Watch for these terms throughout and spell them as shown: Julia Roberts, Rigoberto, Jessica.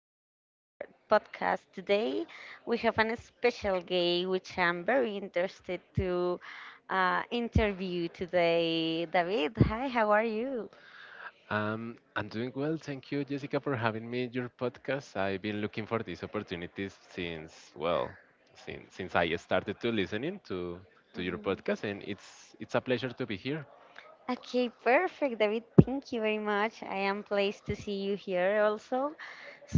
to our podcast today. We have an special guy which I'm very interested to interview today. David, hi, how are you? I'm doing well. Thank you, Jessica, for having me in your podcast. I've been looking for these opportunities since, well, since I started to listening to your Mhm. podcast, and it's a pleasure to be here. Okay, perfect, David. Thank you very much. I am pleased to see you here also.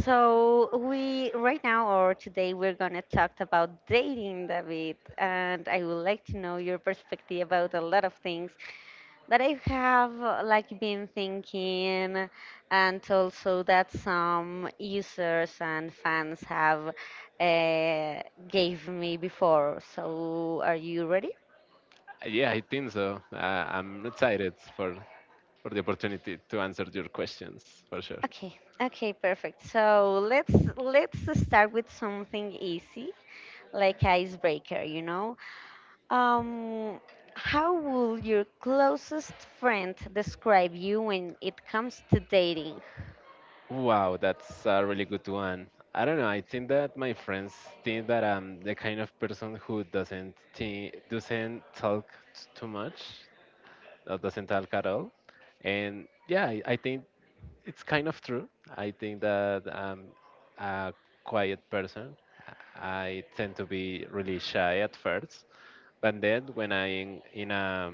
So we right now or today we're gonna talk about dating, David, and I would like to know your perspective about a lot of things. That I have like been thinking, and also that some users and fans have uh, gave me before. So are you ready? Yeah, I think so. I'm excited for the opportunity to answer your questions for sure. Okay, okay, perfect. So let's start with something easy, like icebreaker. Um, how will your closest friend describe you when it comes to dating? Wow, that's a really good one. I don't know. I think that my friends think that I'm the kind of person who doesn't think, doesn't talk too much. Doesn't talk at all. And yeah, I think it's kind of true. I think that I'm a quiet person. I tend to be really shy at first, but then when I in a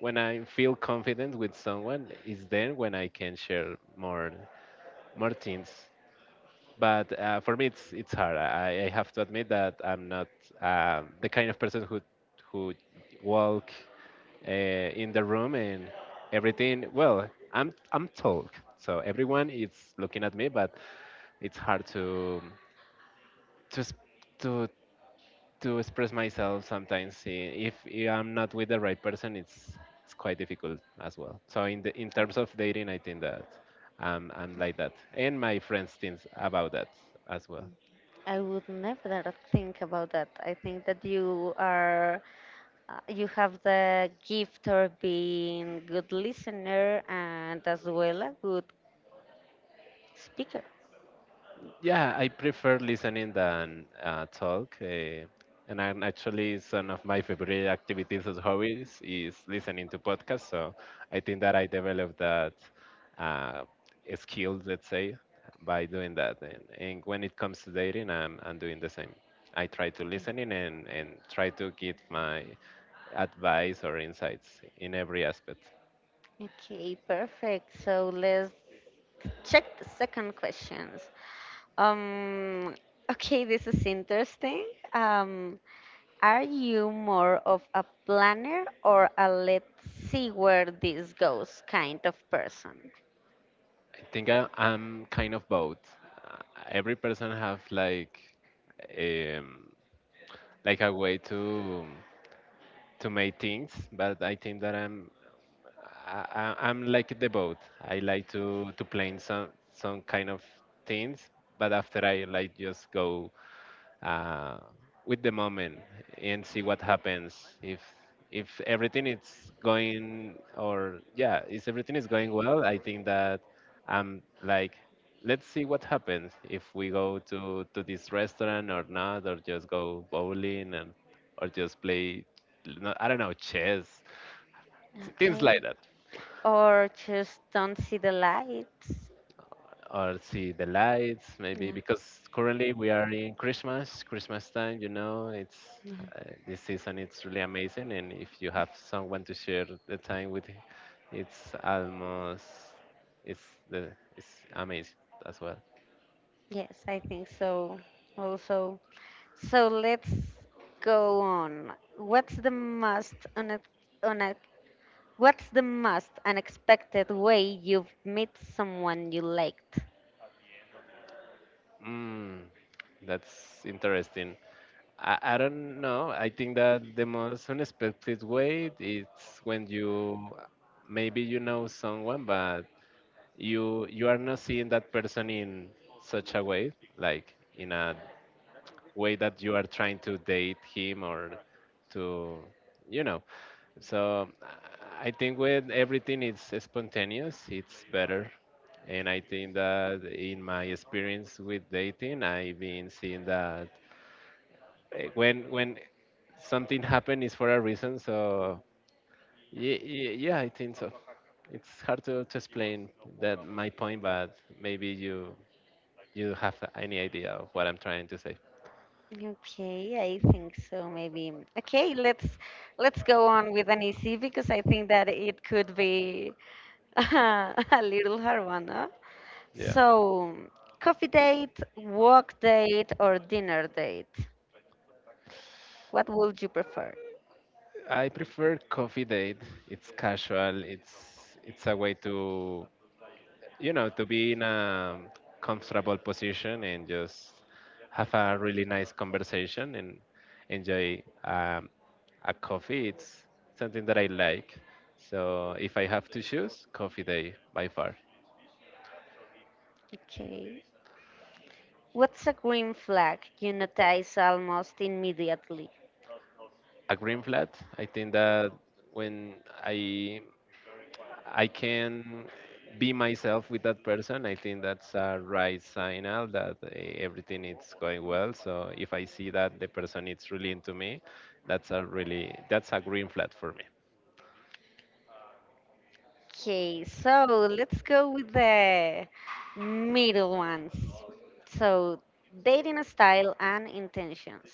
when I feel confident with someone, is then when I can share more things. But for me, it's hard. I have to admit that I'm not the kind of person who walk uh, in the room and everything. Well, I'm tall, so everyone is looking at me, but it's hard to s- to to express myself sometimes. If I am not with the right person, it's quite difficult as well. So in terms of dating, I think that I'm like that, and my friends think about that as well. I would never think about that. I think that you are, you have the gift of being good listener and as well a good speaker. Yeah, I prefer listening than talk. And I'm actually it's one of my favorite activities as hobbies is listening to podcasts. So I think that I developed that uh, skill, let's say, by doing that. And when it comes to dating, I'm doing the same. I try to listen in and try to get my advice or insights in every aspect. Okay, perfect. So let's check the second questions. Um, okay, this is interesting. Um, are you more of a planner or a let's see where this goes kind of person? I think I'm kind of both. Uh, Every person have um, like a way to make things, but I think that I, I'm like the boat. I like to play in some kind of things, but after I like just go uh, with the moment and see what happens if everything is going, or yeah, if everything is going well. I think that I'm like, let's see what happens if we go to this restaurant or not, or just go bowling, and or just play. No- I don't know, chess, things like Okay. that. Or just don't see the lights. Or see the lights, maybe, Yeah. because currently we are in Christmas time. It's Mhm. This season it's really amazing, and if you have someone to share the time with, it's almost it's the it's amazing as well. Yes, I think so also. So let's go on. What's the most une- what's the most unexpected way you've met someone you liked? mm, that's interesting. I don't know. I think that the most unexpected way it's when you, maybe you know someone, but you are not seeing that person in such a way, like in a way that you are trying to date him or to, you know so I think when everything is spontaneous, it's better. And I think that in my experience with dating, I've been seeing that when something happens is for a reason. So yeah, yeah, I think so. It's hard to explain that my point, but maybe you You have any idea of what I'm trying to say? Okay, I think so maybe. Okay, let's go on with an easy because I think that it could be a little hard one, huh? So, coffee date, walk date, or dinner date? What would you prefer? I prefer coffee date. It's casual. It's a way to, to be in a comfortable position, and just have a really nice conversation and enjoy a coffee. It's something that I like. So if I have to choose, coffee day by far. Okay. What's a green flag you notice almost immediately? A green flat. I think that when I I can be myself with that person, I think that's a right signal that everything is going well. So if I see that the person is really into me, that's a green flag for me. Okay, so let's go with the middle ones. So, dating style and intentions.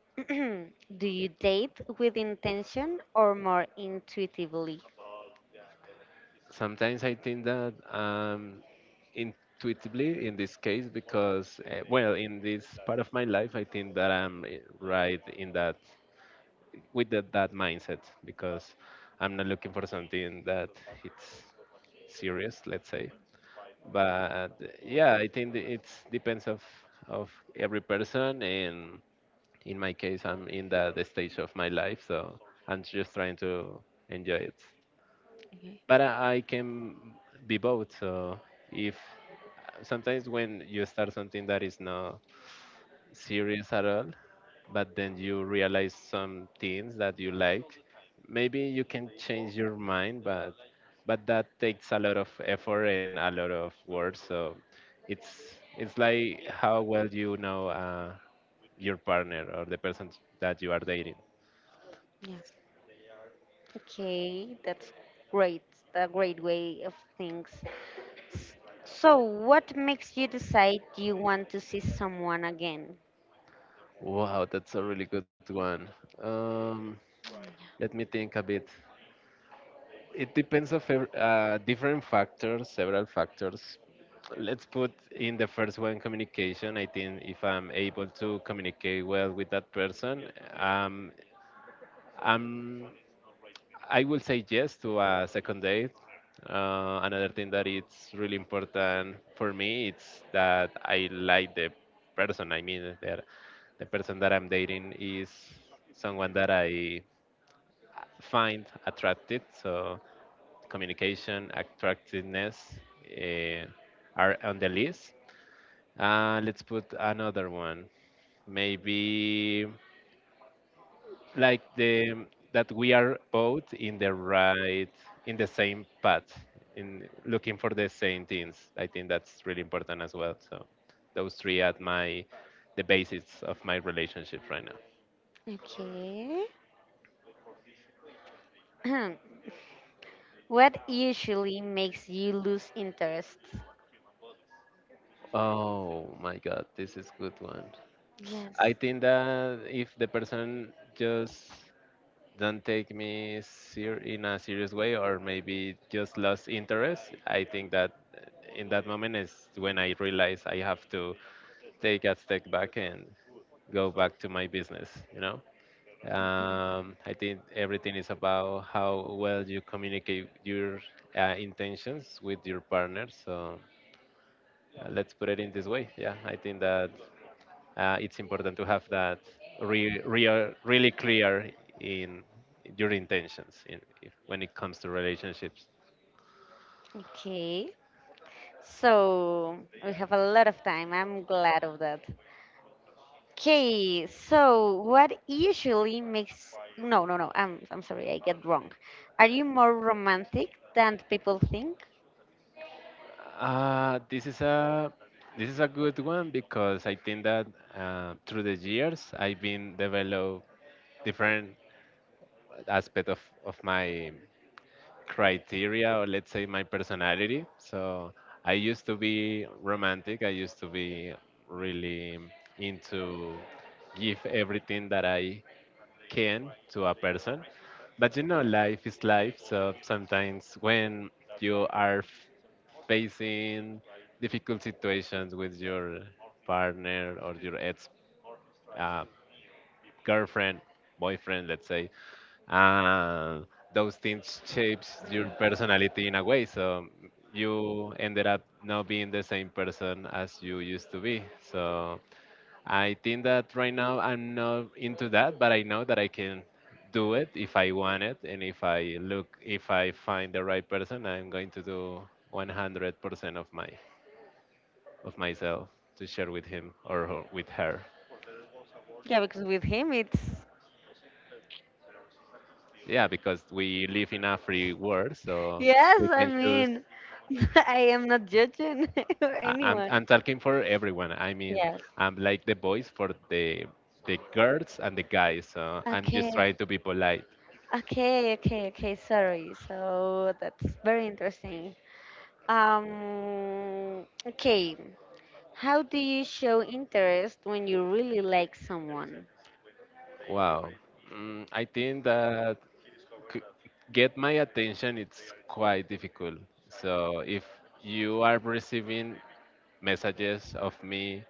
Do you date with intention or more intuitively? Sometimes I think that intuitively in this case, because well, in this part of my life, I think that I'm right in that with that mindset, because I'm not looking for something that it's serious, let's say, but uh, yeah, I think it depends of every person, and in my case, I'm in the stage of my life, so I'm just trying to enjoy it. Okay. But I can be both. So if, sometimes when you start something that is not serious at all, but then you realize some things that you like. Maybe you can change your mind, but that takes a lot of effort and a lot of work. So it's like how well you know your partner or the person that you are dating. Yeah. Okay, that's great. A great way of things. S- So, what makes you decide you want to see someone again? Wow, that's a really good one. Um, Let me think a bit. It depends of different factors, several factors. Let's put in the first one, communication. I think if I'm able to communicate well with that person, um, I'm, I will say yes to a second date. Another thing that it's really important for me it's that I like the person. I mean, that the person that I'm dating is someone that I find attractive. So communication, attractiveness, eh, are on the list. Let's put another one. Maybe like the that we are both in the right, in the same path, in looking for the same things. I think that's really important as well. So those three are my the basis of my relationship right now. Okay. What usually makes you lose interest? Oh my god, this is good one. Yes. I think that if the person just don't take me in a serious way, or maybe just lost interest, I think that in that moment is when I realize I have to take a step back and go back to my business you know Okay. I think everything is about how well you communicate your intentions with your partner. So let's put it in this way. Yeah, I think that it's important to have that really clear in your intentions, in, if, when it comes to relationships. Okay. So, we have a lot of time. I'm glad of that. Okay, so what usually makes no. I'm sorry. I get wrong. Are you more romantic than people think? This is a good one, because I think that through the years I've been develop different aspect of my criteria, or let's say my personality. So I used to be romantic. I used to be really into give everything that I can to a person. But you know, life is life. So sometimes when you are facing difficult situations with your partner or your ex uh, girlfriend, boyfriend, let's say, uh, those things shapes your personality in a way. So you ended up not being the same person as you used to be. So I think that right now I'm not into that, but I know that I can do it if I want it, and if I find the right person, I'm going to do 100% of myself to share with him with her. Yeah, because with him it's Yeah, because we live in a free world, so yes, we I can choose. mean, I am not judging I- I'm anyone. I'm talking for everyone. I mean, Yes. I'm like the voice for the girls and the guys. So I'm just trying Okay. to be polite. Okay. Sorry. So that's very interesting. Okay. How do you show interest when you really like someone? Wow. I think that c- get my attention it's quite difficult. So if you are receiving messages of me,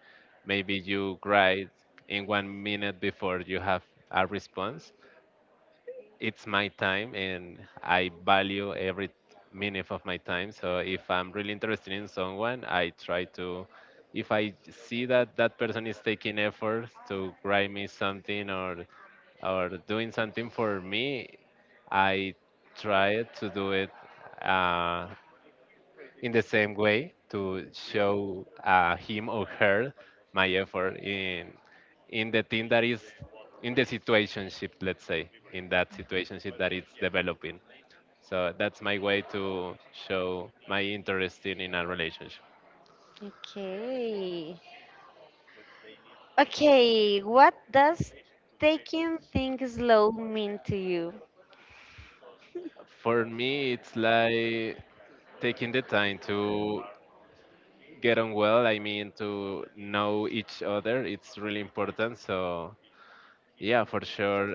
maybe you write in 1 minute before you have a response. It's my time, and I value every minute of my time. So if I'm really interested in someone, I try to, if I see that that person is taking efforts to write me something, or doing something for me, I try to do it uh, in the same way, to show him or her my effort in the team that is in the situationship, let's say, in that situationship that it's developing. So that's my way to show my interest in a relationship. Okay. Okay, what does taking things slow mean to you? For me, it's like taking the time to get on well, I mean, to know each other, it's really important, so. Yeah, for sure.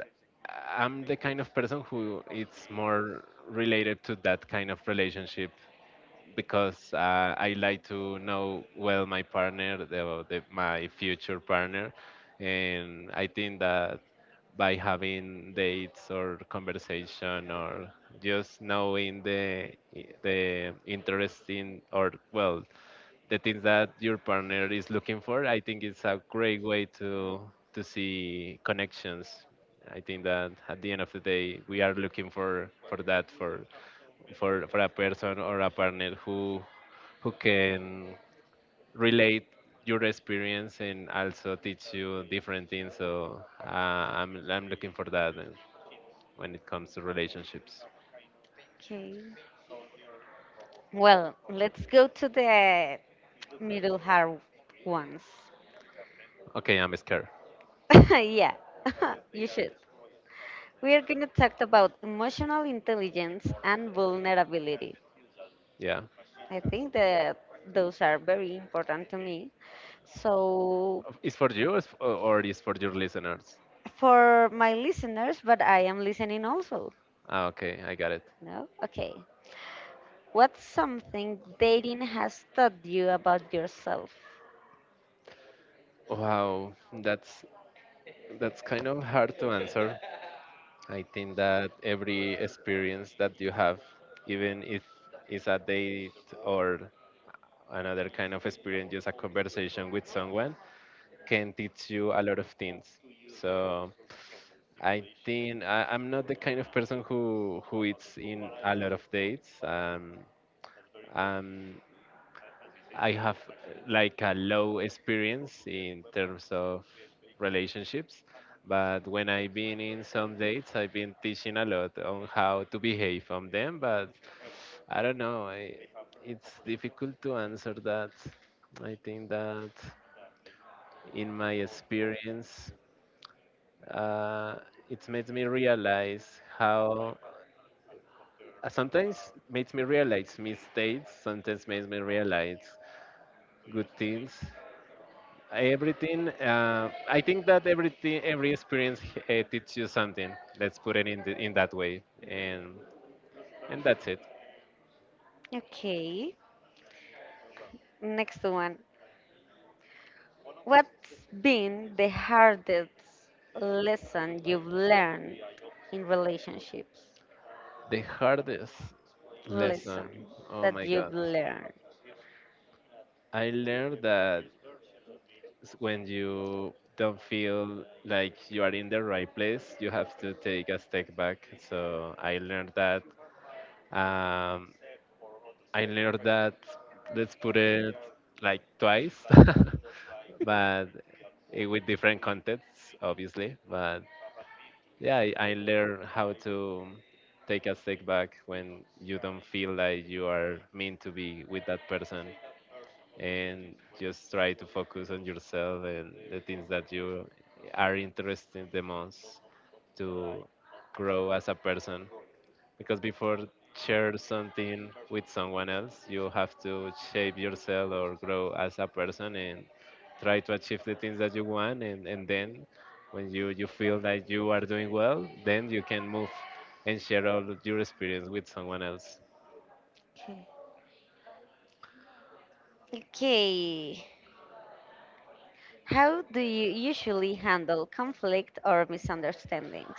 I'm the kind of person who it's more related to that kind of relationship, because I like to know well my partner, my future partner, and I think that by having dates or conversation, or just knowing the interesting, or well, the things that your partner is looking for. I think it's a great way to see connections. I think that at the end of the day, we are looking for that for a person or a partner who can relate your experience and also teach you different things. So I'm looking for that when it comes to relationships. Okay. Well, let's go to the middle hard ones. Okay, I'm scared. Yeah, you should. We are going to talk about emotional intelligence and vulnerability. Yeah, I think that those are very important to me. So, it's for you, or it's or it's for your listeners. for my listeners, but I am listening also. Ah, okay, I got it. No? Okay. What's something dating has taught you about yourself? Wow, that's that's kind of hard to answer. I think that every experience that you have, even if it's a date or another kind of experience, just a conversation with someone, can teach you a lot of things. So I think I'm not the kind of person who is in a lot of dates. Um, I have like a low experience in terms of relationships, but when I've been in some dates, I've been teaching a lot on how to behave on them. But I don't know, it's difficult to answer that. I think that in my experience, uh, it made me realize how sometimes makes me realize mistakes, sometimes makes me realize good things. Everything. I think that everything, every experience teaches you something. Let's put it in that way, and that's it. Okay. Next one. What's been the hardest lesson you've learned in relationships? The hardest lesson. Lesson Oh that my God. you've learned. I learned that when you don't feel like you are in the right place, you have to take a step back. So I learned that. Um, I learned that, let's put it like twice, but with different contexts, obviously. But yeah, I learned how to take a step back when you don't feel like you are meant to be with that person and just try to focus on yourself and the things that you are interested the most to grow as a person, because before share something with someone else you have to shape yourself or grow as a person, and try to achieve the things that you want, and then when you feel that you are doing well, then you can move and share all of your experience with someone else. Okay. Okay. How do you usually handle conflict or misunderstandings?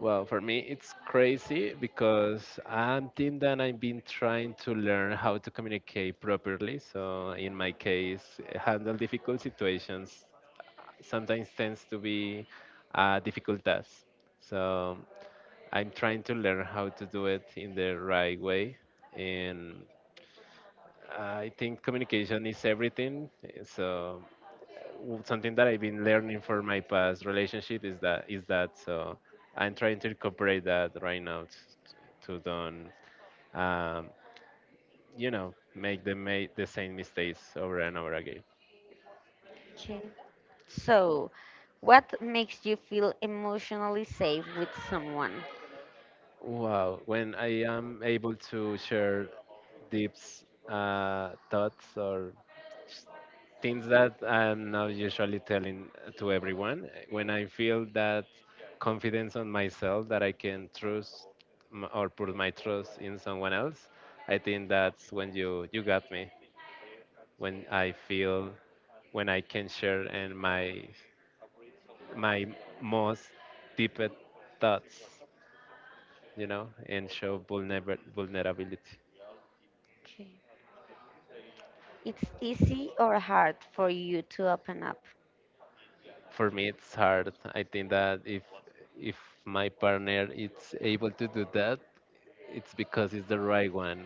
Well, for me it's crazy because I'm think that I've been trying to learn how to communicate properly, so in my case handle difficult situations sometimes tends to be a difficult task. So I'm trying to learn how to do it in the right way. And I think communication is everything. So something that I've been learning for my past relationship is that so I'm trying to incorporate that right now to don't um, make the same mistakes over and over again. Okay. So, what makes you feel emotionally safe with someone? Wow, when I am able to share deep thoughts or things that I'm not usually telling to everyone. When I feel that confidence on myself that I can trust or put my trust in someone else, I think that's when you got me. When I feel when I can share and my most deepest thoughts, you know, and show vulnerability. Okay. It's easy or hard for you to open up? For me, it's hard. I think that if my partner is able to do that, it's because it's the right one,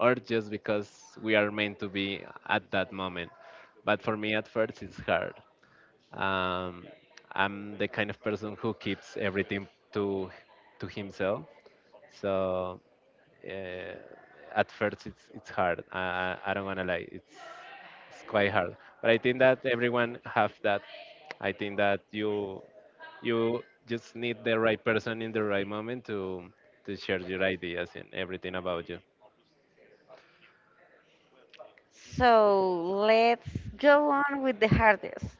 or just because we are meant to be at that moment. But for me, at first, it's hard. Um, I'm the kind of person who keeps everything to himself. So uh, at first, it's hard. I don't wanna lie. It's quite hard. But I think that everyone have that. I think that you just need the right person in the right moment to share your ideas and everything about you. So let's go on with the hardest.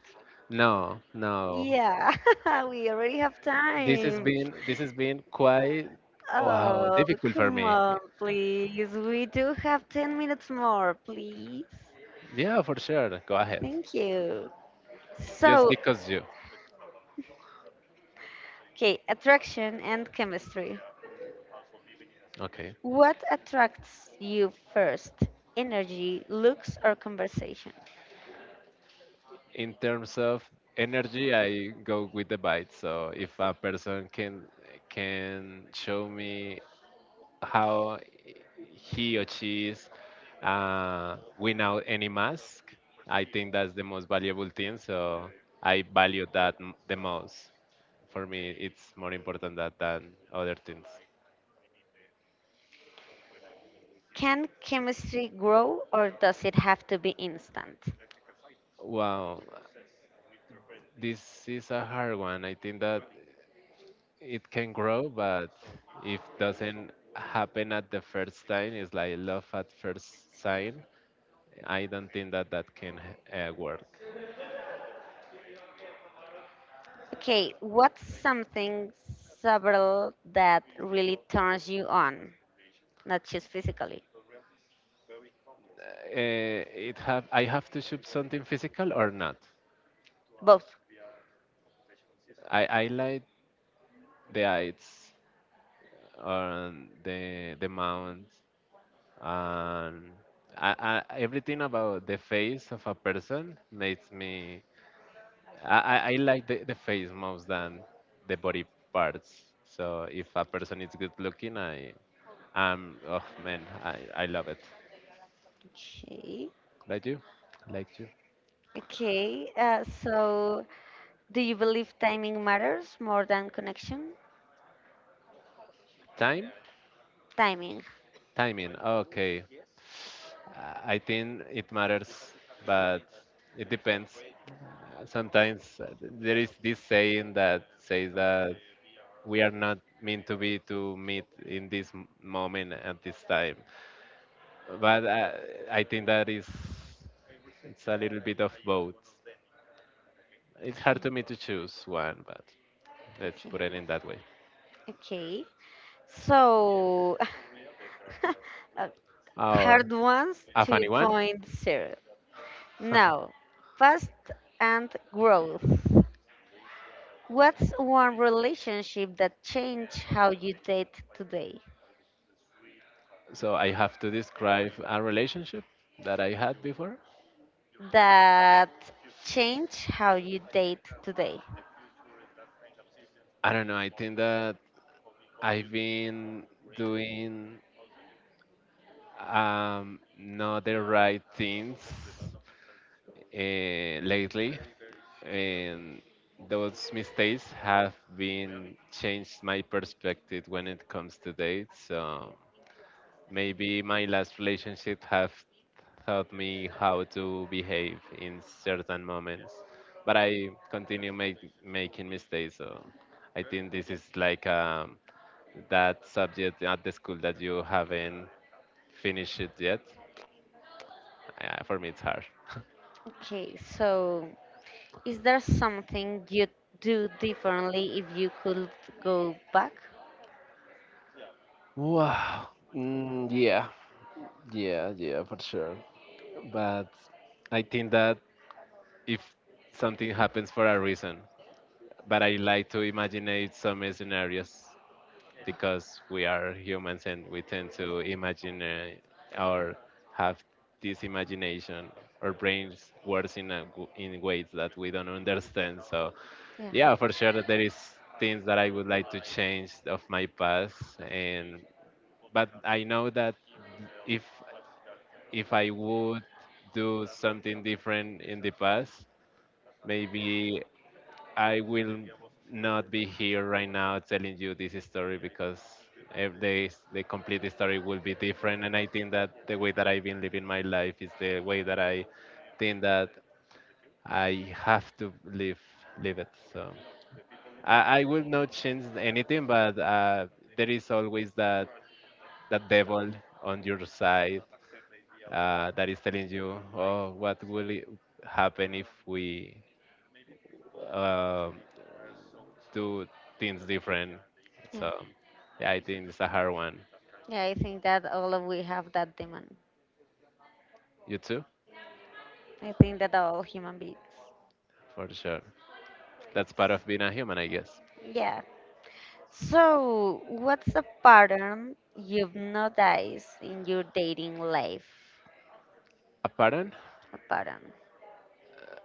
No, no. Yeah, we already have time. This has been quite wow Oh, difficult for come me. on, please. We do have 10 minutes more, please. Yeah, for sure. Go ahead. Thank you. Just So, because you. okay, attraction and chemistry. Okay. What attracts you first? Energy, looks, or conversation? In terms of energy, I go with the bite. So if a person can show me how he or she is without any mask. I think that's the most valuable thing. So I value that the most. For me, it's more important that than other things. Can chemistry grow or does it have to be instant? Wow, this is a hard one. I think that it can grow, but if doesn't happen at the first time, it's like love at first sight. I don't think that that can work. Okay, what's something several that really turns you on? Not just physically, Uh, it have I have to shoot something physical or not? both. I like the heights on the mountains and everything about the face of a person makes me I like the face most than the body parts. So if a person is good looking, I am, oh man, I love it. Okay. Like you, like you. Okay. So, do you believe timing matters more than connection? Time, Timing. timing. Okay. I think it matters, but it depends. Sometimes there is this saying that says that we are not meant to be to meet in this moment at this time. But I think that is it's a little bit of both. It's hard to me to Okay. choose one, but let's put it Okay. in that way. Okay. So, uh, Uh, hard ones a two funny one. point zero. Now, past and growth. What's one relationship that changed how you date today? So I have to describe a relationship that I had before. That changed how you date today. I don't know. I think that I've been doing not the right things lately, and those mistakes have been changed my perspective when it comes to dates. So maybe my last relationship have taught me how to behave in certain moments, but making mistakes. So I think this is like a that subject at the school that you haven't finished it yet? For me, it's hard. Okay, so is there something you'd do differently if you could go back? Wow. Yeah, yeah, yeah, for sure. But I think that if something happens for a reason, but I like to imagine it some scenarios because we are humans and we tend to imagine or have this imagination. Our brains works in a, in ways that we don't understand. So Yeah, yeah, for sure that there is things that I would like to change of my past, and but I know that if if I would do something different in the past, maybe I will not be here right now telling you this story, because if they, the complete story will be different, and I think that the way that I've been living my life is the way that I think that I have to live it. So I will not change anything, but there is always that devil on your side that is telling you, oh, what will it happen if we uh, do things different? yeah, So, yeah, I think it's a hard one. yeah. I think that all of we have that demand. You too, I think that all human beings. for sure. That's part of being a human, I guess. Yeah. So, what's a pattern you've noticed in your dating life? A pattern? A pattern.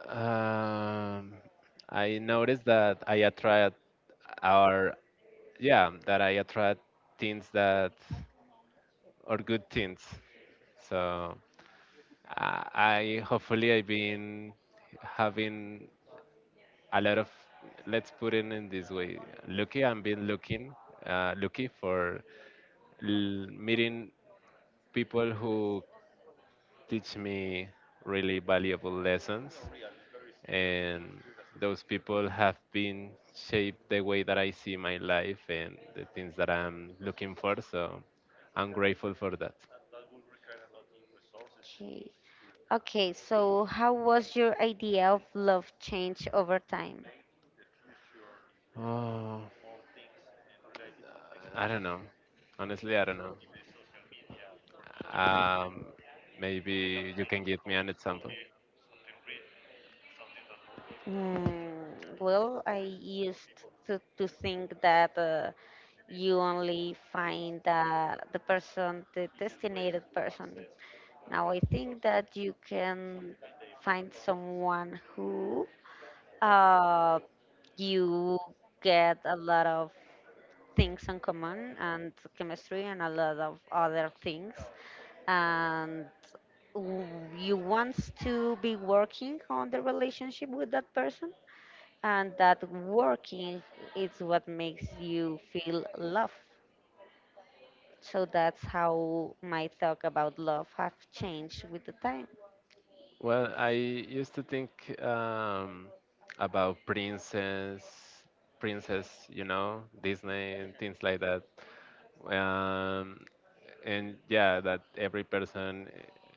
Um, I noticed that I attract, or yeah, that I attract things that or good things. So I hopefully I've been having a lot of, let's put it in this way, lucky I've been looking lucky for meeting people who teach me really valuable lessons, and those people have been shaped the way that I see my life and the things that I'm looking for, so I'm grateful for that. Okay. Okay. So, how was your idea of love change over time? Oh. I don't know. Honestly, I don't know. Um, maybe you can give me an example. Mm, well, I used to think that you only find the person, the designated person. Now I think that you can find someone who uh, you get a lot of things in common and chemistry and a lot of other things and w- you want to be working on the relationship with that person and that working is what makes you feel love. So that's how my thought about love have changed with the time. Well, I used to think um, about princess, you know, Disney and things like that. Um, and yeah, that every person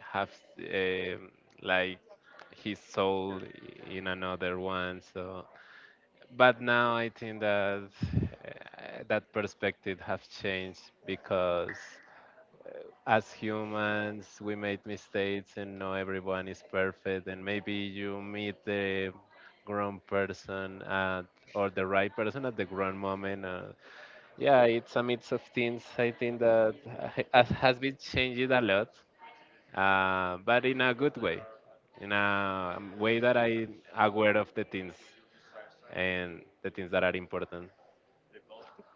has um like his soul in another one. So but now I think that that perspective has changed because as humans we make mistakes and not everyone is perfect, and maybe you meet the wrong person at or the right person at the wrong moment. Yeah, it's a mix of things. I think that has been changed a lot, but in a good way, in a way that I aware of the things and the things that are important.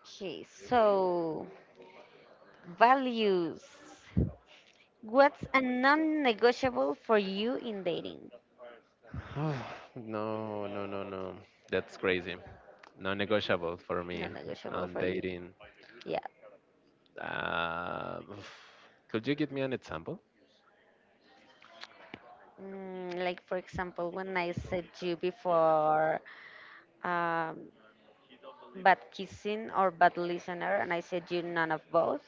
Okay, so values. What's a non-negotiable for you in dating? no, no, no, no. That's crazy. Non-negotiable for me Non-negotiable on for you. dating. Yeah. Uh, could you give me an example? Mm, like for example, when I said you before, um, bad kissing or bad listener, and I said you none of both.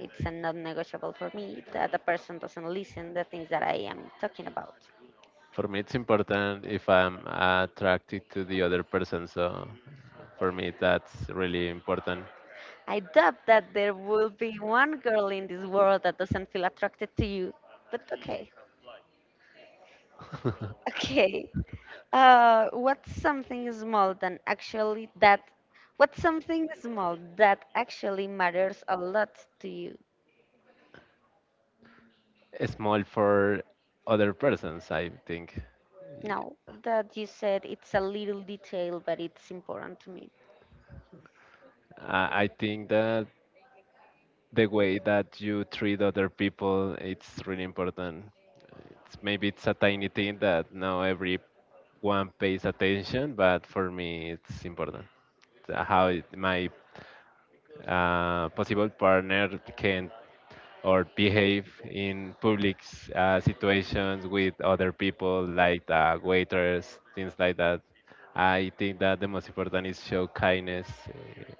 It's a non negotiable for me that the person doesn't listen the things that I am talking about. For me, it's important if I'm attracted to the other person. So for me, that's really important. I doubt that there will be one girl in this world that doesn't feel attracted to you, but okay. Okay. What's something small than actually that? What's something small that actually matters a lot to you? Small for other persons, I think. No, that you said it's a little detail, but it's important to me. I think that the way that you treat other people, it's really important. It's, maybe it's a tiny thing that now every one pays attention, but for me, it's important my possible partner can or behave in public situations with other people, like the waiters, things like that. I think that the most important is show kindness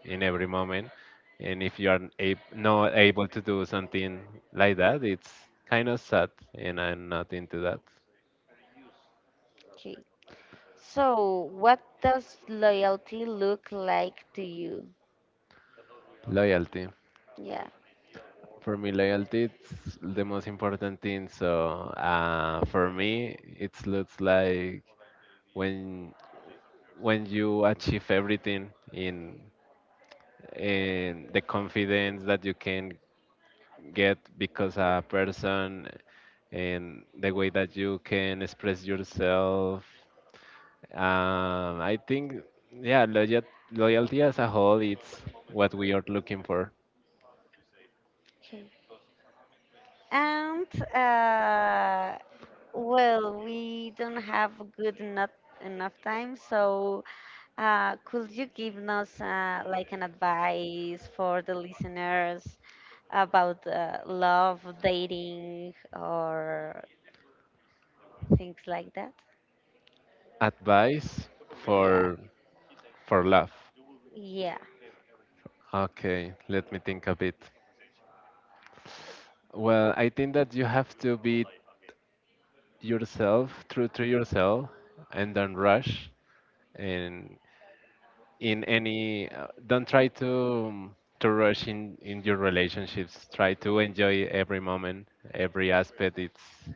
in every moment. And if you are not able to do something like that, it's kind of sad, and I'm not into that. Okay. So, what does loyalty look like to you? Loyalty. Yeah. For me, loyalty is the most important thing. So for me, it looks like when when you achieve everything in the confidence that you can get because a person and the way that you can express yourself. I think yeah, loyalty as a whole, it's what we are looking for. Okay. And uh, well, we don't have good not enough time, so could you give us like an advice for the listeners about love, dating, or things like that? Advice Yeah. for for love. Yeah. Okay, let me think a bit. Well, I think that you have to be yourself, true to yourself, and don't rush. And in any, don't try to rush in your relationships. Try to enjoy every moment, every aspect. It's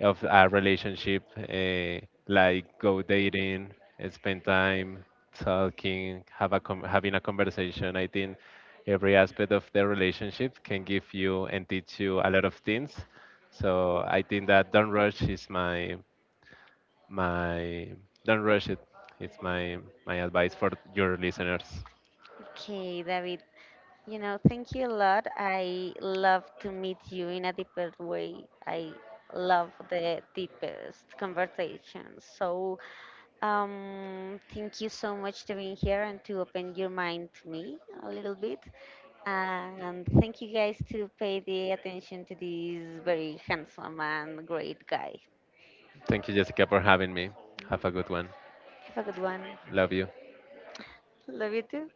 of a relationship, like go dating, spend time talking, have a having a conversation. I think every aspect of the relationship can give you and teach you a lot of things. So I think that don't rush is my don't rush it. It's my advice for your listeners. Okay, David. You know, thank you a lot. I love to meet you in a deeper way. I love the deepest conversations. So, thank you so much to being here and to open your mind to me a little bit. And thank you guys to pay the attention to this very handsome and great guy. Thank you, Jessica, for having me. Have a good one. Have a good one. Love you. Love you too.